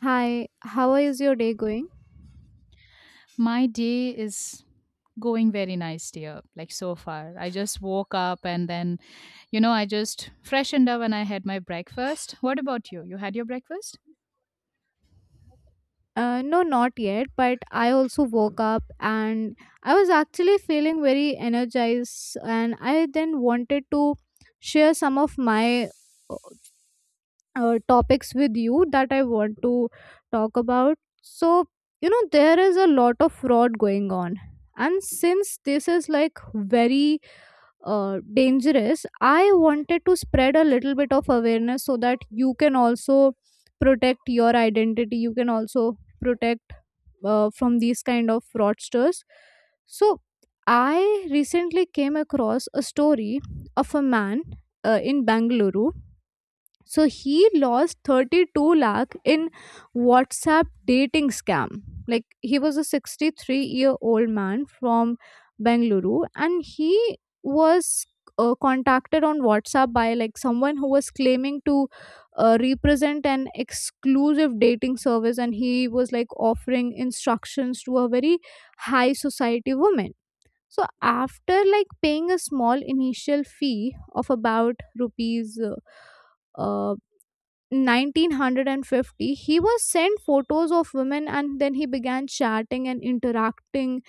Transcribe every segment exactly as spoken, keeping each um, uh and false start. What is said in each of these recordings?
Hi, how is your day going? My day is going very nice, dear. Like so far, I just woke up and then, you know, I just freshened up and I had my breakfast. What about you? You had your breakfast? Uh, no, not yet, but I also woke up and I was actually feeling very energized, and I then wanted to share some of my uh, uh, topics with you that I want to talk about. So, you know, there is a lot of fraud going on, and since this is like very uh, dangerous. I wanted to spread a little bit of awareness so that you can also protect your identity, you can also protect, uh, from these kind of fraudsters. So I recently came across a story of a man uh, in Bangalore. So he lost thirty-two lakh in WhatsApp dating scam. Like he was a sixty-three year old man from Bengaluru and he was uh, contacted on WhatsApp by like someone who was claiming to uh, represent an exclusive dating service, and he was like offering instructions to a very high society woman. So after like paying a small initial fee of about rupees uh, uh, one thousand nine hundred fifty, he was sent photos of women and then he began chatting and interacting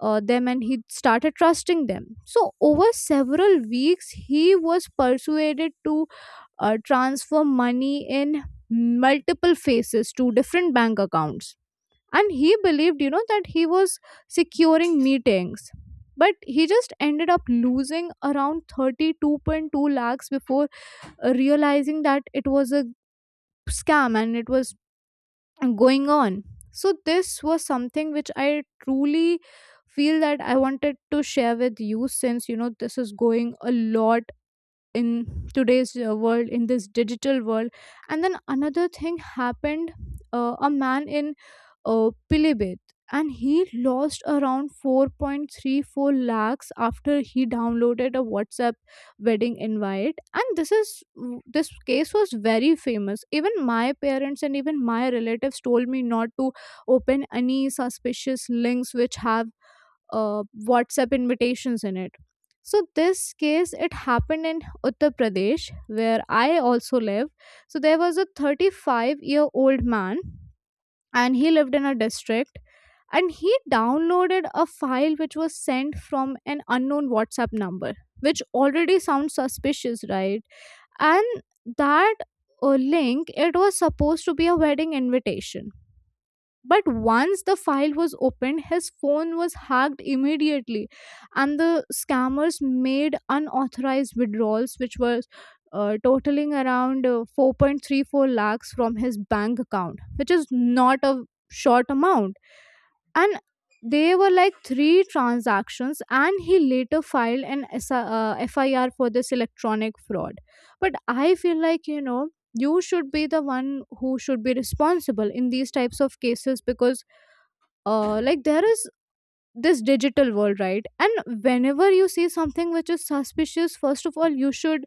uh, them, and he started trusting them. So over several weeks he was persuaded to uh, transfer money in multiple phases to different bank accounts, and he believed, you know, that he was securing meetings, but he just ended up losing around thirty-two point two lakhs before uh, realizing that it was a scam and it was going on. So this was something which I truly feel that I wanted to share with you, since you know this is going a lot in today's uh, world, in this digital world. And then another thing happened. Uh, a man in uh, Pilibhit, and he lost around four point three four lakhs after he downloaded a WhatsApp wedding invite. And this is this case was very famous. Even my parents and even my relatives told me not to open any suspicious links which have uh, WhatsApp invitations in it. So this case, it happened in Uttar Pradesh, where I also live. So there was a thirty-five year old man, and he lived in a district, and he downloaded a file which was sent from an unknown WhatsApp number, which already sounds suspicious, right? And that uh, link, it was supposed to be a wedding invitation, but once the file was opened, his phone was hacked immediately, and the scammers made unauthorized withdrawals, which was uh, totaling around uh, four point three four lakhs from his bank account, which is not a short amount. And they were like three transactions, and he later filed an S- I uh, F I R for this electronic fraud. But I feel like, you know, you should be the one who should be responsible in these types of cases because, uh, like, there is this digital world, right? And whenever you see something which is suspicious, first of all you should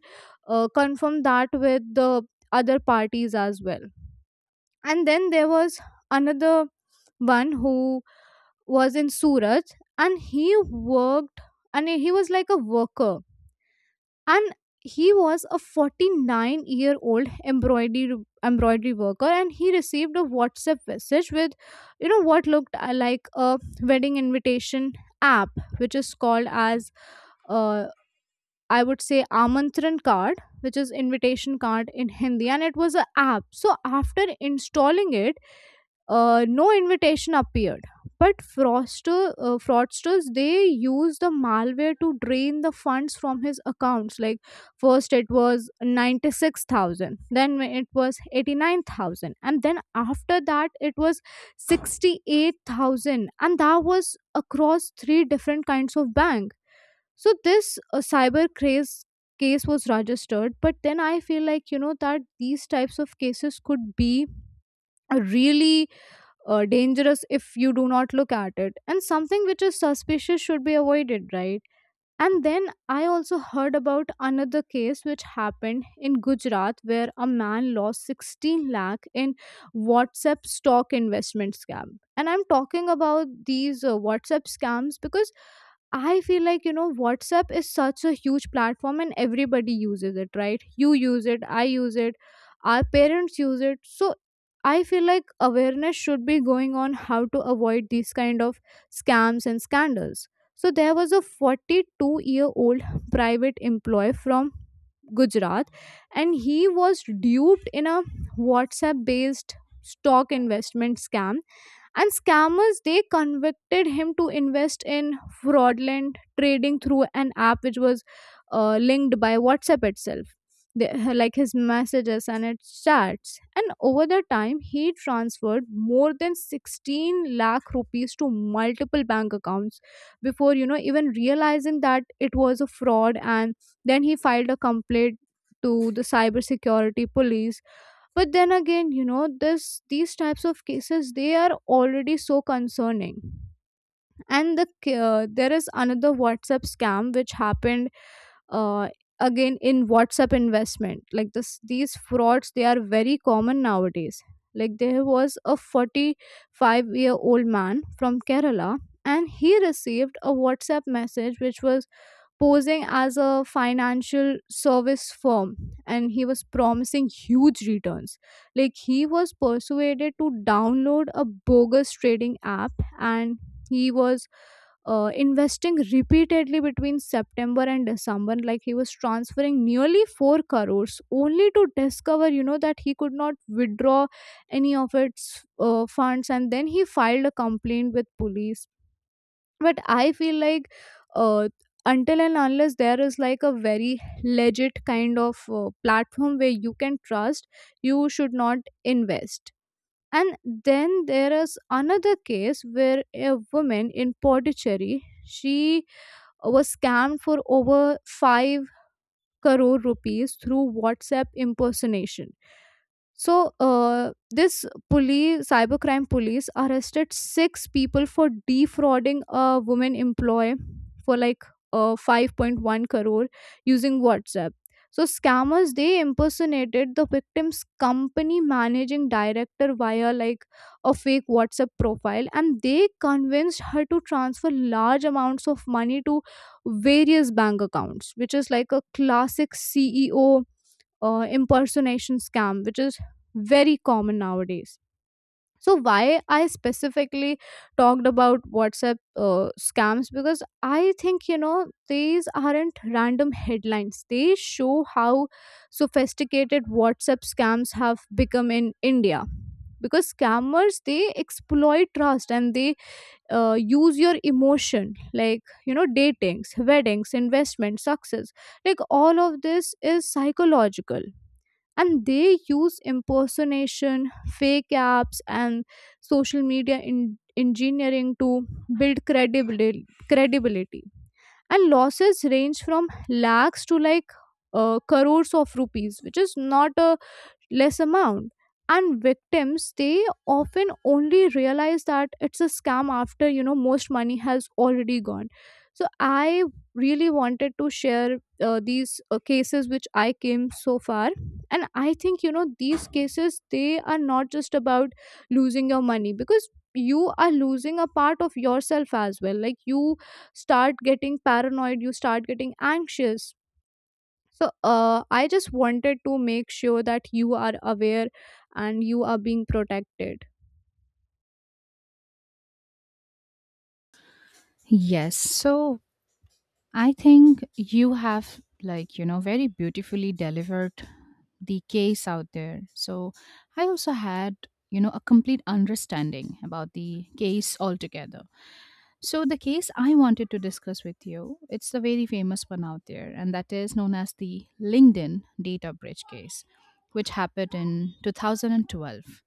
uh, confirm that with the other parties as well. And then there was another one who was in Surat, and he worked, and he was like a worker, and he was a forty-nine year old embroidery embroidery worker, and he received a WhatsApp message with, you know, what looked uh, like a wedding invitation app, which is called as, uh, I would say, Amantran card, which is invitation card in Hindi, and it was an app. So after installing it, uh, no invitation appeared. But fraudster, uh, fraudsters, they used the malware to drain the funds from his accounts. Like first it was ninety-six thousand, then it was eighty-nine thousand, and then after that it was sixty-eight thousand. And that was across three different kinds of bank. So this uh, cyber craze case was registered, but then I feel like, you know, that these types of cases could be really uh, dangerous if you do not look at it, and something which is suspicious should be avoided, right? And then I also heard about another case which happened in Gujarat, where a man lost sixteen lakh in WhatsApp stock investment scam. And I'm talking about these uh, WhatsApp scams because I feel like, you know, WhatsApp is such a huge platform and everybody uses it, right? You use it, I use it, our parents use it. So I feel like awareness should be going on how to avoid these kind of scams and scandals. So there was a forty-two year old private employee from Gujarat, and he was duped in a WhatsApp based stock investment scam, and scammers, they convicted him to invest in fraudulent trading through an app which was uh, linked by WhatsApp itself, the, like his messages and its chats, and over the time he transferred more than sixteen lakh rupees to multiple bank accounts before, you know, even realizing that it was a fraud. And then he filed a complaint to the cybersecurity police. But then again, you know, this these types of cases, they are already so concerning. And the ca- uh, there is another WhatsApp scam which happened, uh, again, in WhatsApp investment. Like this these frauds, they are very common nowadays. Like there was a forty-five year old man from Kerala, and he received a WhatsApp message which was posing as a financial service firm, and he was promising huge returns. Like he was persuaded to download a bogus trading app, and he was uh, investing repeatedly between September and December. Like he was transferring nearly four crores, only to discover, you know, that he could not withdraw any of its uh, funds. And then he filed a complaint with police. But I feel like, uh, until and unless there is like a very legit kind of uh, platform where you can trust, you should not invest. And then there is another case where a woman in Pondicherry, she uh, was scammed for over five crore rupees through WhatsApp impersonation. So, uh, this police, cybercrime police, arrested six people for defrauding a woman employee for like uh, five point one crore using WhatsApp. So scammers, they impersonated the victim's company managing director via like a fake WhatsApp profile, and they convinced her to transfer large amounts of money to various bank accounts, which is like a classic C E O uh, impersonation scam, which is very common nowadays. So why I specifically talked about WhatsApp uh, scams, because I think, you know, these aren't random headlines, they show how sophisticated WhatsApp scams have become in India. Because scammers, they exploit trust, and they uh, use your emotion, like, you know, datings, weddings, investment success. Like all of this is psychological, and they use impersonation, fake apps, and social media in- engineering to build credibility. credibility and losses range from lakhs to like uh, crores of rupees, which is not a less amount. And victims, they often only realize that it's a scam after, you know, most money has already gone. So I really wanted to share uh, these uh, cases which I came so far. And I think, you know, these cases, they are not just about losing your money, because you are losing a part of yourself as well. Like you start getting paranoid, you start getting anxious. So, uh, I just wanted to make sure that you are aware and you are being protected. Yes. So, I think you have, like, you know, very beautifully delivered the case out there. So I also had, you know, a complete understanding about the case altogether. So the case I wanted to discuss with you, it's the very famous one out there, and that is known as the LinkedIn data breach case, which happened in two thousand twelve.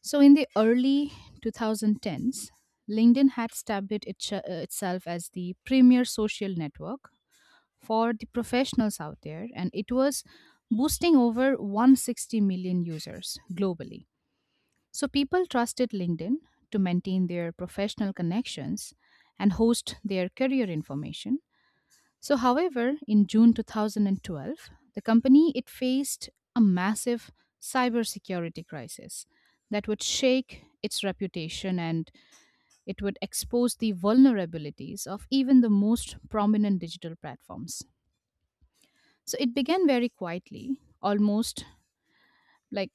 So in the early two thousand tens, LinkedIn had established itch- uh, itself as the premier social network for the professionals out there, and it was boosting over one hundred sixty million users globally. So people trusted LinkedIn to maintain their professional connections and host their career information. So however, in June two thousand twelve, the company it faced a massive cybersecurity crisis that would shake its reputation and it would expose the vulnerabilities of even the most prominent digital platforms. So it began very quietly, almost like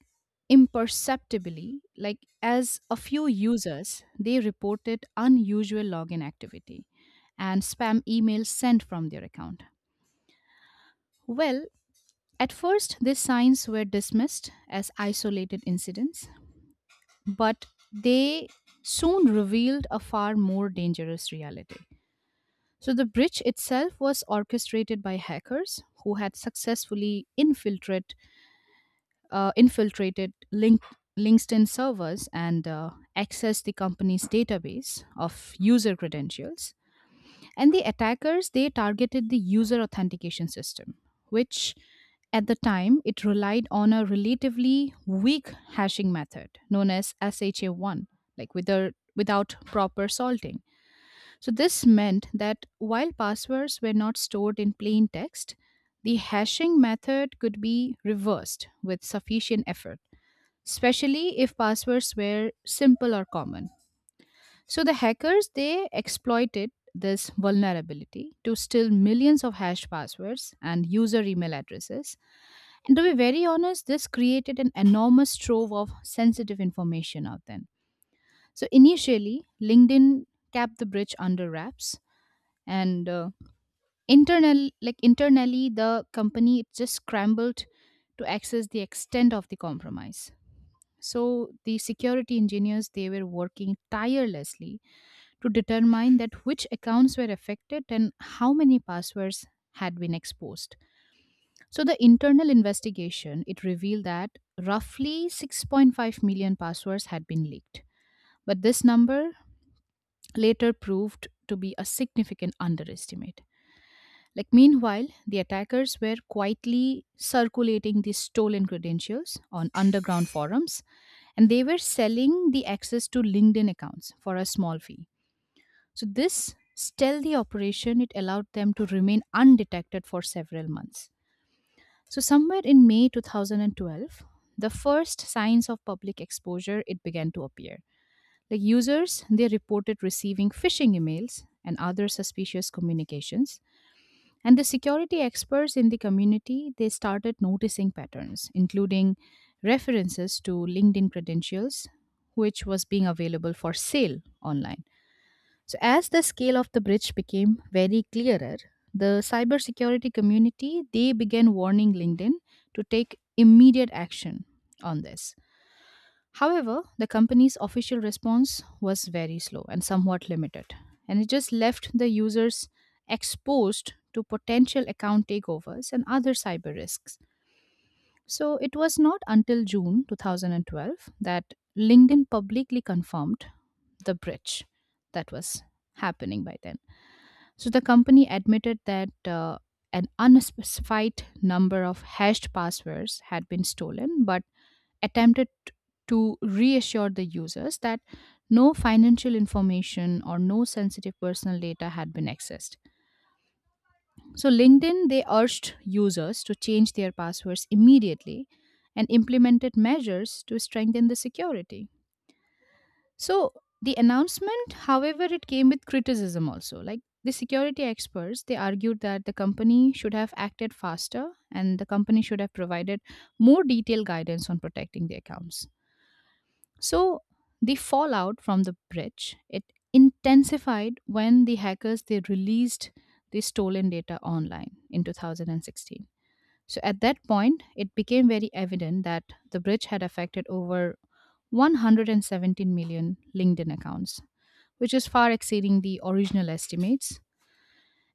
imperceptibly, like as a few users, they reported unusual login activity and spam emails sent from their account. Well, at first, these signs were dismissed as isolated incidents, but they soon revealed a far more dangerous reality. So, the breach itself was orchestrated by hackers who had successfully infiltrated uh, infiltrated Link- LinkedIn servers and uh, accessed the company's database of user credentials. And the attackers they targeted the user authentication system, which at the time it relied on a relatively weak hashing method known as S H A one, like wither- without proper salting. So this meant that while passwords were not stored in plain text, the hashing method could be reversed with sufficient effort, especially if passwords were simple or common. So the hackers they exploited this vulnerability to steal millions of hashed passwords and user email addresses. And to be very honest, this created an enormous trove of sensitive information out then. So initially, LinkedIn kept the breach under wraps, and uh, internal like internally, the company it just scrambled to access the extent of the compromise. So the security engineers they were working tirelessly to determine that which accounts were affected and how many passwords had been exposed. So the internal investigation it revealed that roughly six point five million passwords had been leaked. But this number later proved to be a significant underestimate. Like meanwhile, the attackers were quietly circulating these stolen credentials on underground forums and they were selling the access to LinkedIn accounts for a small fee. So this stealthy operation it allowed them to remain undetected for several months. So somewhere in May two thousand twelve, the first signs of public exposure it began to appear. Like users, they reported receiving phishing emails and other suspicious communications, and the security experts in the community, they started noticing patterns, including references to LinkedIn credentials, which was being available for sale online. So as the scale of the breach became very clearer, the cybersecurity community, they began warning LinkedIn to take immediate action on this. However, the company's official response was very slow and somewhat limited, and it just left the users exposed to potential account takeovers and other cyber risks. So it was not until June two thousand twelve that LinkedIn publicly confirmed the breach that was happening by then. So the company admitted that uh, an unspecified number of hashed passwords had been stolen, but attempted to reassure the users that no financial information or no sensitive personal data had been accessed. So LinkedIn they urged users to change their passwords immediately and implemented measures to strengthen the security. So the announcement, however, it came with criticism also. Like the security experts, they argued that the company should have acted faster and the company should have provided more detailed guidance on protecting the accounts. So the fallout from the breach it intensified when the hackers they released the stolen data online in two thousand sixteen. So at that point, it became very evident that the breach had affected over one hundred seventeen million LinkedIn accounts, which is far exceeding the original estimates.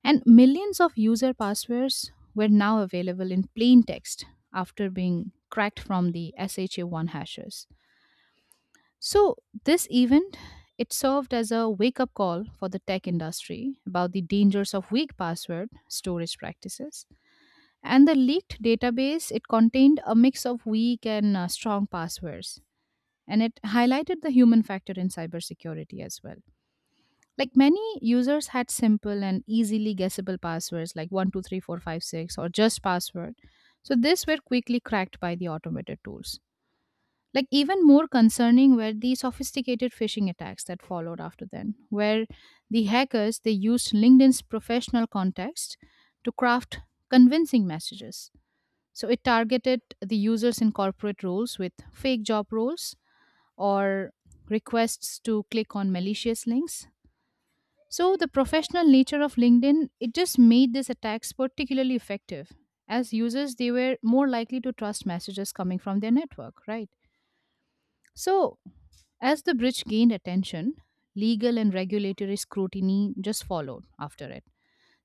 And millions of user passwords were now available in plain text after being cracked from the S H A one hashes. So, this event it served as a wake-up call for the tech industry about the dangers of weak password storage practices. And the leaked database it contained a mix of weak and uh, strong passwords, and it highlighted the human factor in cybersecurity as well. Like many users had simple and easily guessable passwords like one two three four five six or just password. So these were quickly cracked by the automated tools. Like even more concerning were the sophisticated phishing attacks that followed after then, where the hackers they used LinkedIn's professional context to craft convincing messages. So it targeted the users in corporate roles with fake job roles or requests to click on malicious links. So the professional nature of LinkedIn it just made these attacks particularly effective, as users they were more likely to trust messages coming from their network, right? So as the bridge gained attention, legal and regulatory scrutiny just followed after it.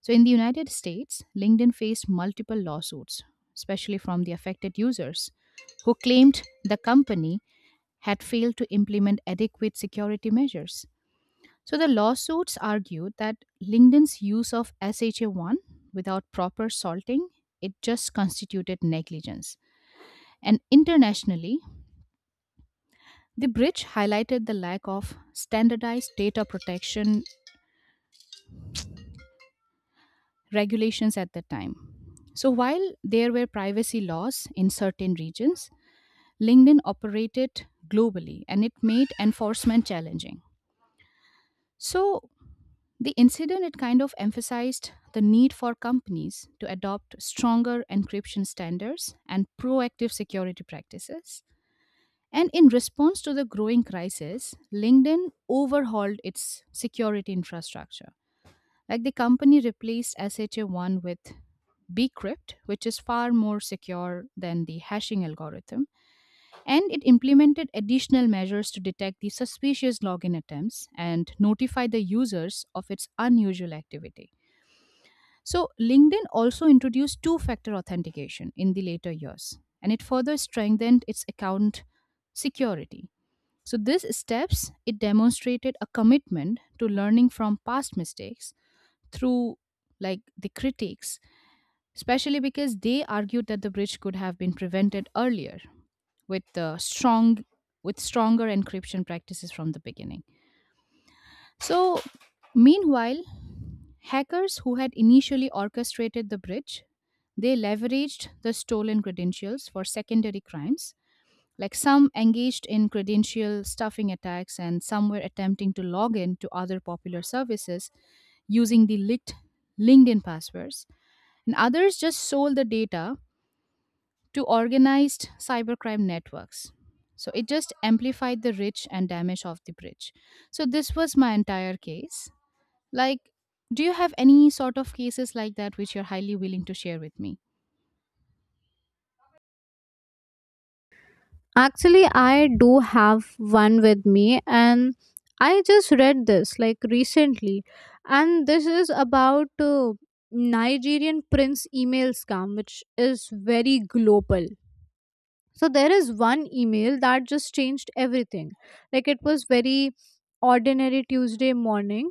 So, in the United States, LinkedIn faced multiple lawsuits, especially from the affected users who claimed the company had failed to implement adequate security measures. So, the lawsuits argued that LinkedIn's use of S H A one without proper salting it just constituted negligence. And internationally, the bridge highlighted the lack of standardized data protection regulations at the time. So while there were privacy laws in certain regions, LinkedIn operated globally and it made enforcement challenging. So the incident it kind of emphasized the need for companies to adopt stronger encryption standards and proactive security practices. And in response to the growing crisis, LinkedIn overhauled its security infrastructure. Like the company replaced S H A one with bcrypt, which is far more secure than the hashing algorithm, and it implemented additional measures to detect the suspicious login attempts and notify the users of its unusual activity. So LinkedIn also introduced two factor authentication in the later years and it further strengthened its account security. So these steps it demonstrated a commitment to learning from past mistakes through like the critics, especially because they argued that the breach could have been prevented earlier with the strong with stronger encryption practices from the beginning. So meanwhile, hackers who had initially orchestrated the breach, they leveraged the stolen credentials for secondary crimes. Like some engaged in credential stuffing attacks and some were attempting to log in to other popular services using the leaked LinkedIn passwords and others just sold the data to organized cybercrime networks. So it just amplified the rich and damage of the bridge. So this was my entire case. Like, do you have any sort of cases like that which you're highly willing to share with me? Actually, I do have one with me, and I just read this like recently, and this is about, uh, Nigerian prince email scam, which is very global. So there is one email that just changed everything. Like it was very ordinary Tuesday morning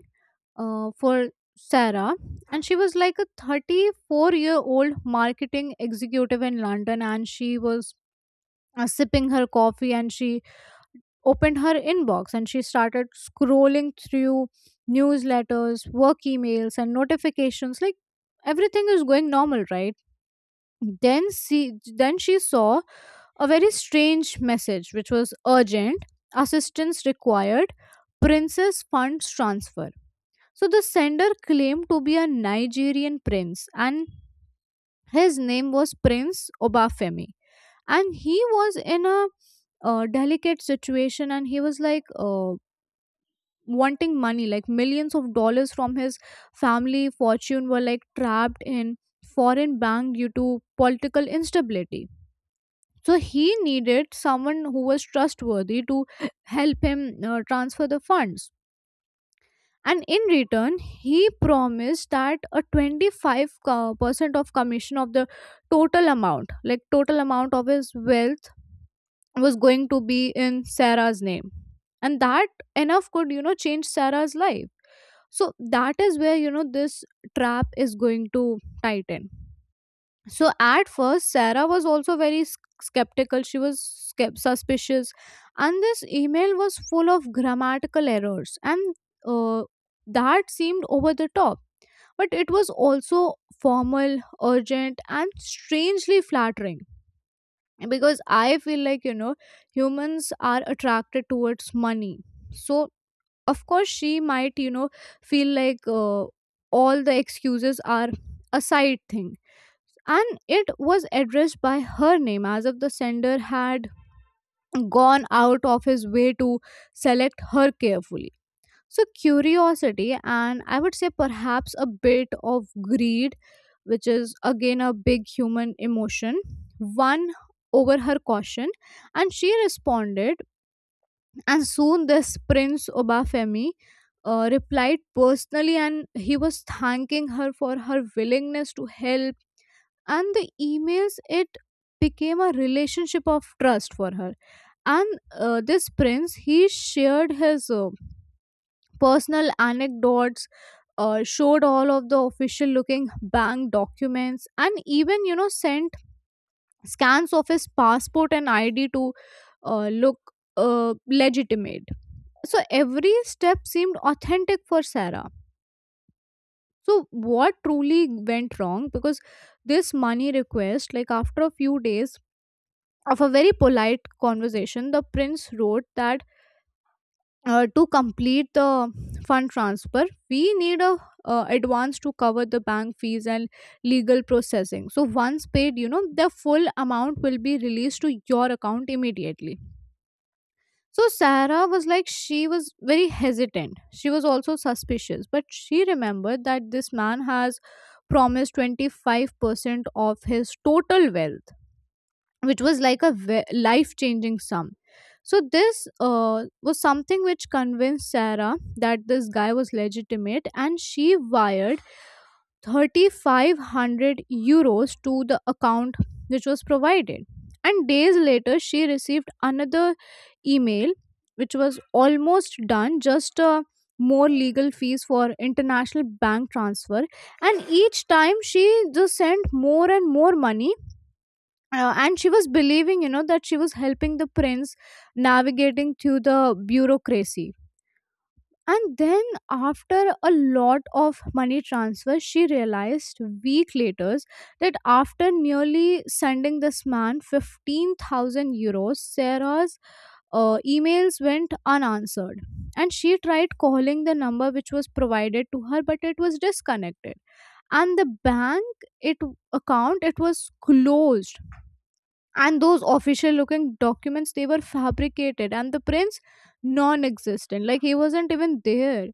uh, for Sarah, and she was like a thirty-four year old marketing executive in London, and she was uh, sipping her coffee, and she opened her inbox, and she started scrolling through newsletters, work emails, and notifications. Like everything is going normal, right? Then she then she saw a very strange message, which was urgent, assistance required, princess funds transfer. So the sender claimed to be a Nigerian prince, and his name was Prince Obafemi. And he was in a uh, delicate situation, and he was like, uh, wanting money, like millions of dollars from his family fortune were like trapped in foreign bank due to political instability. So he needed someone who was trustworthy to help him uh, transfer the funds. And in return, he promised that a twenty-five co- percent of commission of the total amount, like total amount of his wealth, was going to be in Sarah's name. And that enough could, you know, change Sarah's life. So that is where, you know, this trap is going to tighten. So at first, Sarah was also very s- skeptical. She was skep- suspicious, and this email was full of grammatical errors, and uh, that seemed over the top. But it was also formal, urgent, and strangely flattering, because I feel like, you know, humans are attracted towards money. So of course, she might you know feel like uh, all the excuses are a side thing, and it was addressed by her name as if the sender had gone out of his way to select her carefully. So curiosity, and I would say perhaps a bit of greed, which is again a big human emotion, won over her caution, and she responded. And soon, this Prince Obafemi. Uh, replied personally, and he was thanking her for her willingness to help, and the emails it became a relationship of trust for her. And uh, this prince, he shared his uh, personal anecdotes, uh, showed all of the official looking bank documents, and even you know sent scans of his passport and id to uh, look uh, legitimate. So every step seemed authentic for Sarah. So what truly went wrong? Because this money request, like after a few days of a very polite conversation, the prince wrote that uh, to complete the fund transfer, we need a uh, advance to cover the bank fees and legal processing. So once paid, you know, the full amount will be released to your account immediately. So Sarah was like, she was very hesitant. She was also suspicious, but she remembered that this man has promised twenty-five percent of his total wealth, which was like a life-changing sum. So this uh, was something which convinced Sarah that this guy was legitimate, and she wired three thousand five hundred euros to the account which was provided. And days later, she received another email, which was almost done, just uh, more legal fees for international bank transfer. And each time, she just sent more and more money. Uh, and she was believing, you know that she was helping the prince, navigating through the bureaucracy. And then, after a lot of money transfers, she realized, week later, that after nearly sending this man fifteen thousand euros, Sarah's uh, emails went unanswered. And she tried calling the number which was provided to her, but it was disconnected. And the bank it account it was closed, and those official looking documents, they were fabricated, and the prince non-existent, like he wasn't even there.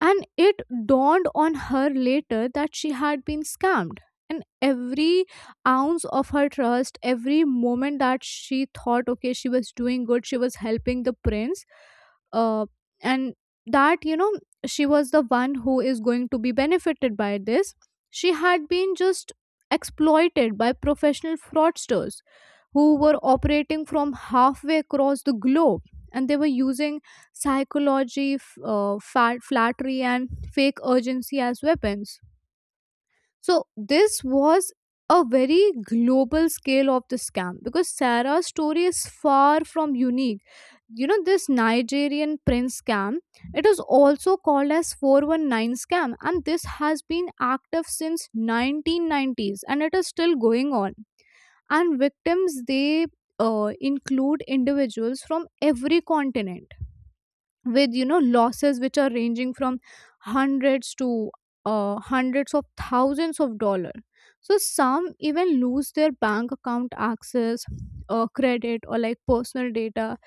And it dawned on her later that she had been scammed. And every ounce of her trust, every moment that she thought, okay, she was doing good, she was helping the prince, uh, and that you know she was the one who is going to be benefited by this, she had been just exploited by professional fraudsters who were operating from halfway across the globe. And they were using psychology, f- uh, fat, flattery, and fake urgency as weapons. So this was a very global scale of the scam, because Sarah's story is far from unique. you know this Nigerian prince scam, it is also called as four one nine scam, and this has been active since nineteen nineties, and it is still going on. And victims, they uh, include individuals from every continent, with you know losses which are ranging from hundreds to uh, hundreds of thousands of dollar. So some even lose their bank account access, uh, credit, or like personal data.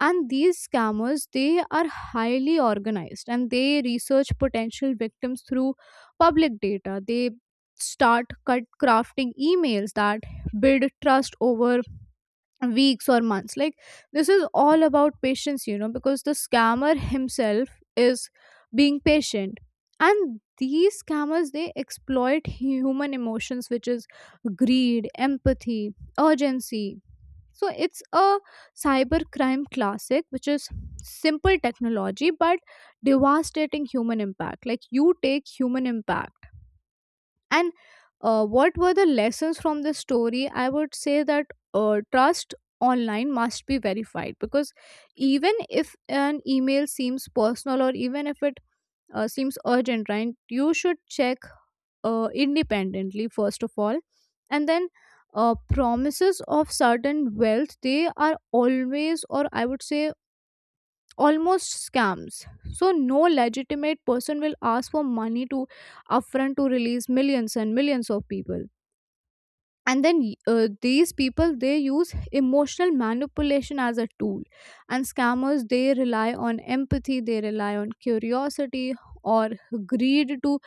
And these scammers, they are highly organized, and they research potential victims through public data. They start cut crafting emails that build trust over weeks or months. Like this is all about patience, you know because the scammer himself is being patient. And these scammers, they exploit human emotions, which is greed, empathy, urgency. So it's a cybercrime classic, which is simple technology but devastating human impact. Like you take human impact. And uh, what were the lessons from this story? I would say that uh, trust online must be verified, because even if an email seems personal, or even if it uh, seems urgent, right? You should check uh, independently, first of all. And then uh, promises of certain wealth, they are always, or I would say almost, scams. So no legitimate person will ask for money to upfront to release millions and millions of people. And then y- uh, these people, they use emotional manipulation as a tool. And scammers, they rely on empathy, they rely on curiosity, or greed, to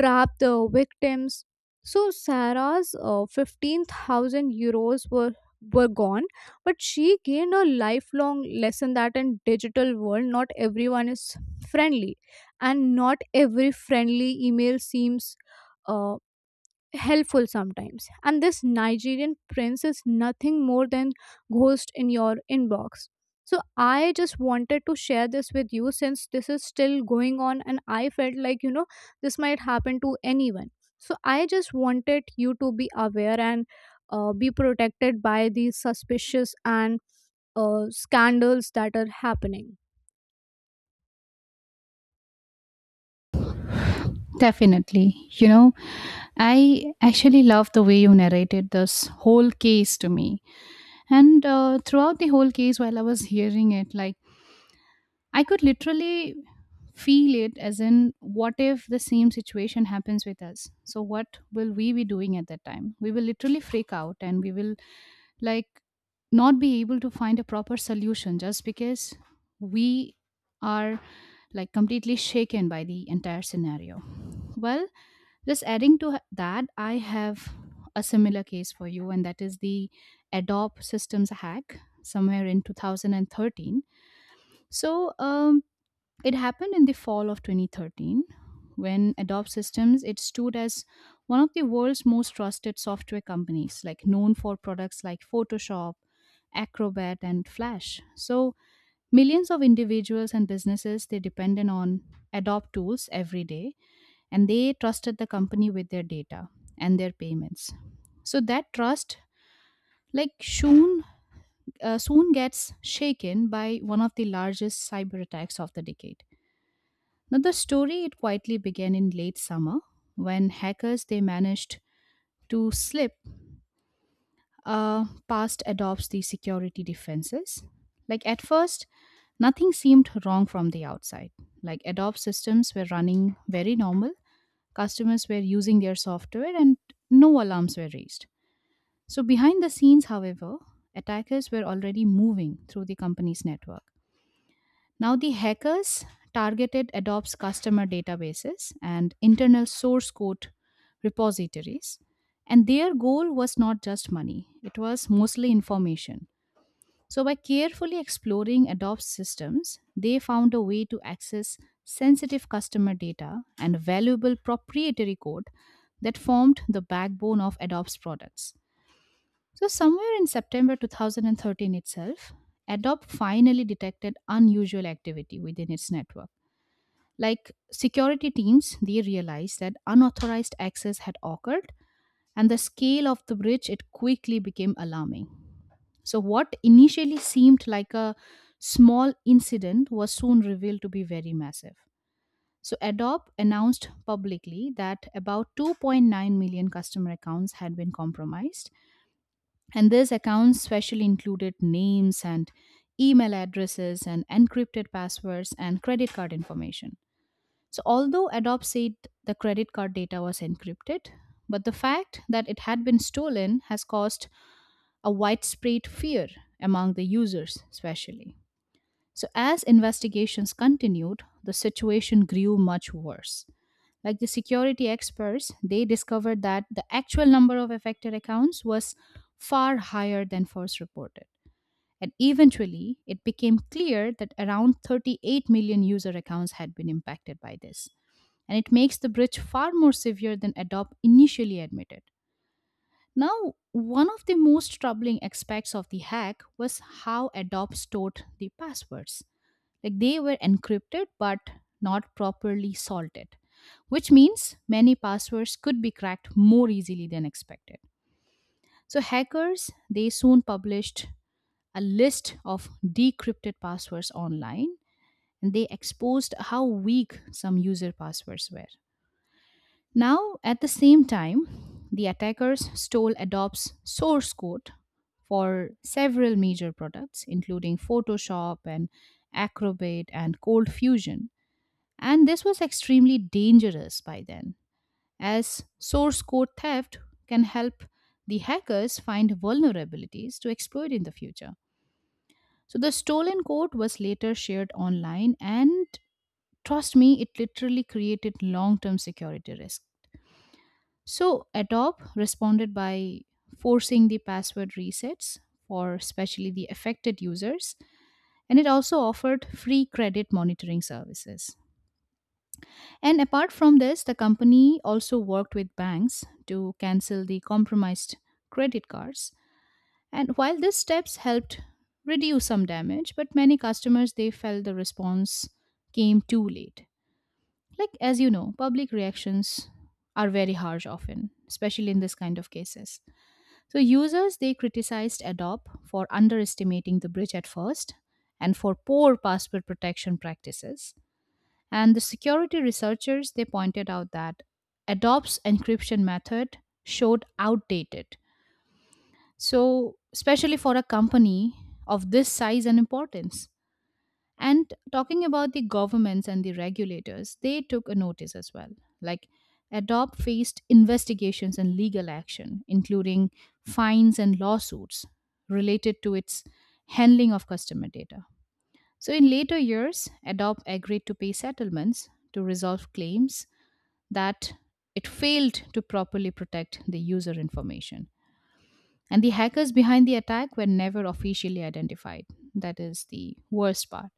trap the victims. So Sarah's uh, fifteen thousand euros were were gone, but she gained a lifelong lesson, that in digital world, not everyone is friendly, and not every friendly email seems uh, helpful sometimes. And this Nigerian prince is nothing more than ghost in your inbox. So I just wanted to share this with you, since this is still going on, and I felt like you know this might happen to anyone. So I just wanted you to be aware, and uh, be protected by these suspicious and uh, scandals that are happening. Definitely. You know, I actually love the way you narrated this whole case to me. And uh, throughout the whole case, while I was hearing it, like I could literally feel it as in what if the same situation happens with us? So what will we be doing at that time? We will literally freak out and we will like not be able to find a proper solution just because we are like completely shaken by the entire scenario. Well, just adding to h- that, I have a similar case for you, and that is the Adobe systems hack somewhere in two thousand thirteen. So, um, it happened in the fall of twenty thirteen when Adobe Systems it stood as one of the world's most trusted software companies, like known for products like Photoshop, Acrobat and Flash. So millions of individuals and businesses they depended on Adobe tools every day and they trusted the company with their data and their payments. So that trust like soon uh, soon gets shaken by one of the largest cyber attacks of the decade. Now the story it quietly began in late summer when hackers they managed to slip uh, past adopts the security defenses. Like at first, nothing seemed wrong from the outside. Like Adobe systems were running very normal, customers were using their software, and no alarms were raised. So behind the scenes, however, attackers were already moving through the company's network. Now, the hackers targeted adopts customer databases and internal source code repositories. And their goal was not just money, it was mostly information. So, by carefully exploring Adobe's systems, they found a way to access sensitive customer data and valuable proprietary code that formed the backbone of Adobe's products. So, somewhere in September two thousand thirteen itself, Adobe finally detected unusual activity within its network. Like security teams, they realized that unauthorized access had occurred, and the scale of the breach it quickly became alarming. So, what initially seemed like a small incident was soon revealed to be very massive. So, Adobe announced publicly that about two point nine million customer accounts had been compromised, and this accounts specially included names and email addresses and encrypted passwords and credit card information. So, although Adobe said the credit card data was encrypted, but the fact that it had been stolen has caused a widespread fear among the users, especially. So, as investigations continued, the situation grew much worse. Like the security experts, they discovered that the actual number of affected accounts was far higher than first reported. And eventually, it became clear that around thirty-eight million user accounts had been impacted by this. And it makes the breach far more severe than Adobe initially admitted. Now, one of the most troubling aspects of the hack was how Adobe stored the passwords. Like they were encrypted but not properly salted, which means many passwords could be cracked more easily than expected. So hackers, they soon published a list of decrypted passwords online and they exposed how weak some user passwords were. Now, at the same time, the attackers stole Adobe's source code for several major products, including Photoshop and Acrobat and Cold Fusion. And this was extremely dangerous by then, as source code theft can help the hackers find vulnerabilities to exploit in the future. So the stolen code was later shared online, and trust me, it literally created long term security risk. So Adobe responded by forcing the password resets for especially the affected users, and it also offered free credit monitoring services. And apart from this, the company also worked with banks to cancel the compromised credit cards. And while these steps helped reduce some damage, but many customers they felt the response came too late. Like as you know, public reactions are very harsh often, especially in this kind of cases. So users they criticized Adobe for underestimating the bridge at first and for poor password protection practices and the security researchers they pointed out that Adobe's encryption method showed outdated. So, especially for a company of this size and importance. And talking about the governments and the regulators, they took a notice as well. Like Adobe faced investigations and legal action, including fines and lawsuits related to its handling of customer data. So, in later years, Adobe agreed to pay settlements to resolve claims that it failed to properly protect the user information. And the hackers behind the attack were never officially identified. That is the worst part.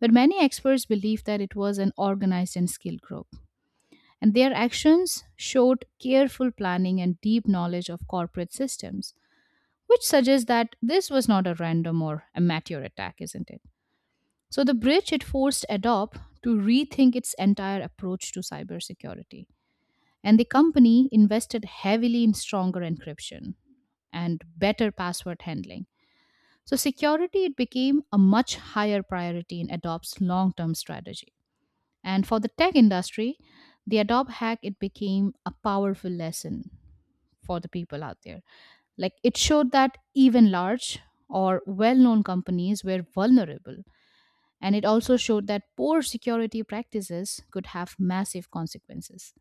But many experts believe that it was an organized and skilled group. And their actions showed careful planning and deep knowledge of corporate systems, which suggests that this was not a random or amateur attack, isn't it? So the breach it forced Adobe to rethink its entire approach to cybersecurity. And the company invested heavily in stronger encryption and better password handling. So security it became a much higher priority in Adobe's long-term strategy. And for the tech industry, the Adobe hack it became a powerful lesson for the people out there. Like it showed that even large or well known companies were vulnerable. And it also showed that poor security practices could have massive consequences.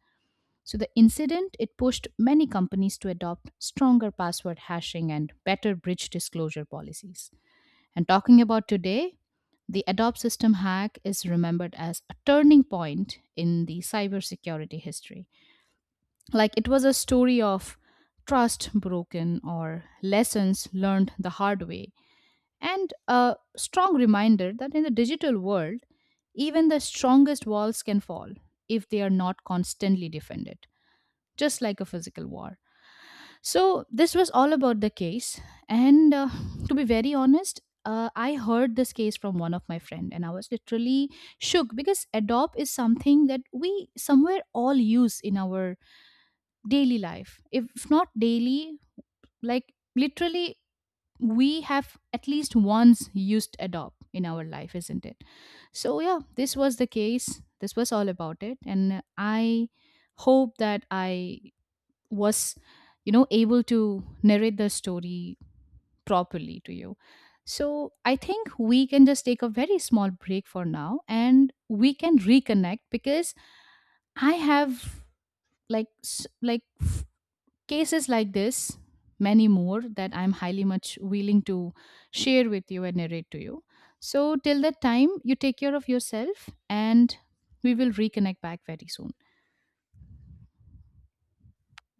So the incident it pushed many companies to adopt stronger password hashing and better breach disclosure policies. And talking about today, the Adobe system hack is remembered as a turning point in the cybersecurity history. Like it was a story of trust broken or lessons learned the hard way, and a strong reminder that in the digital world, even the strongest walls can fall if they are not constantly defended just like a physical war. So this was all about the case. And uh, to be very honest, uh, I heard this case from one of my friend, and I was literally shook because adopt is something that we somewhere all use in our daily life. If not daily, like literally, we have at least once used adopt in our life, isn't it? So yeah, this was the case. This was all about it, and I hope that I was you know able to narrate the story properly to you. So I think we can just take a very small break for now, and we can reconnect because I have like s- like f- cases like this many more that I'm highly much willing to share with you and narrate to you. So till that time, you take care of yourself and we will reconnect back very soon.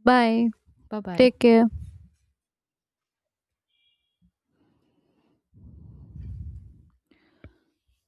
Bye. Bye bye. Take care.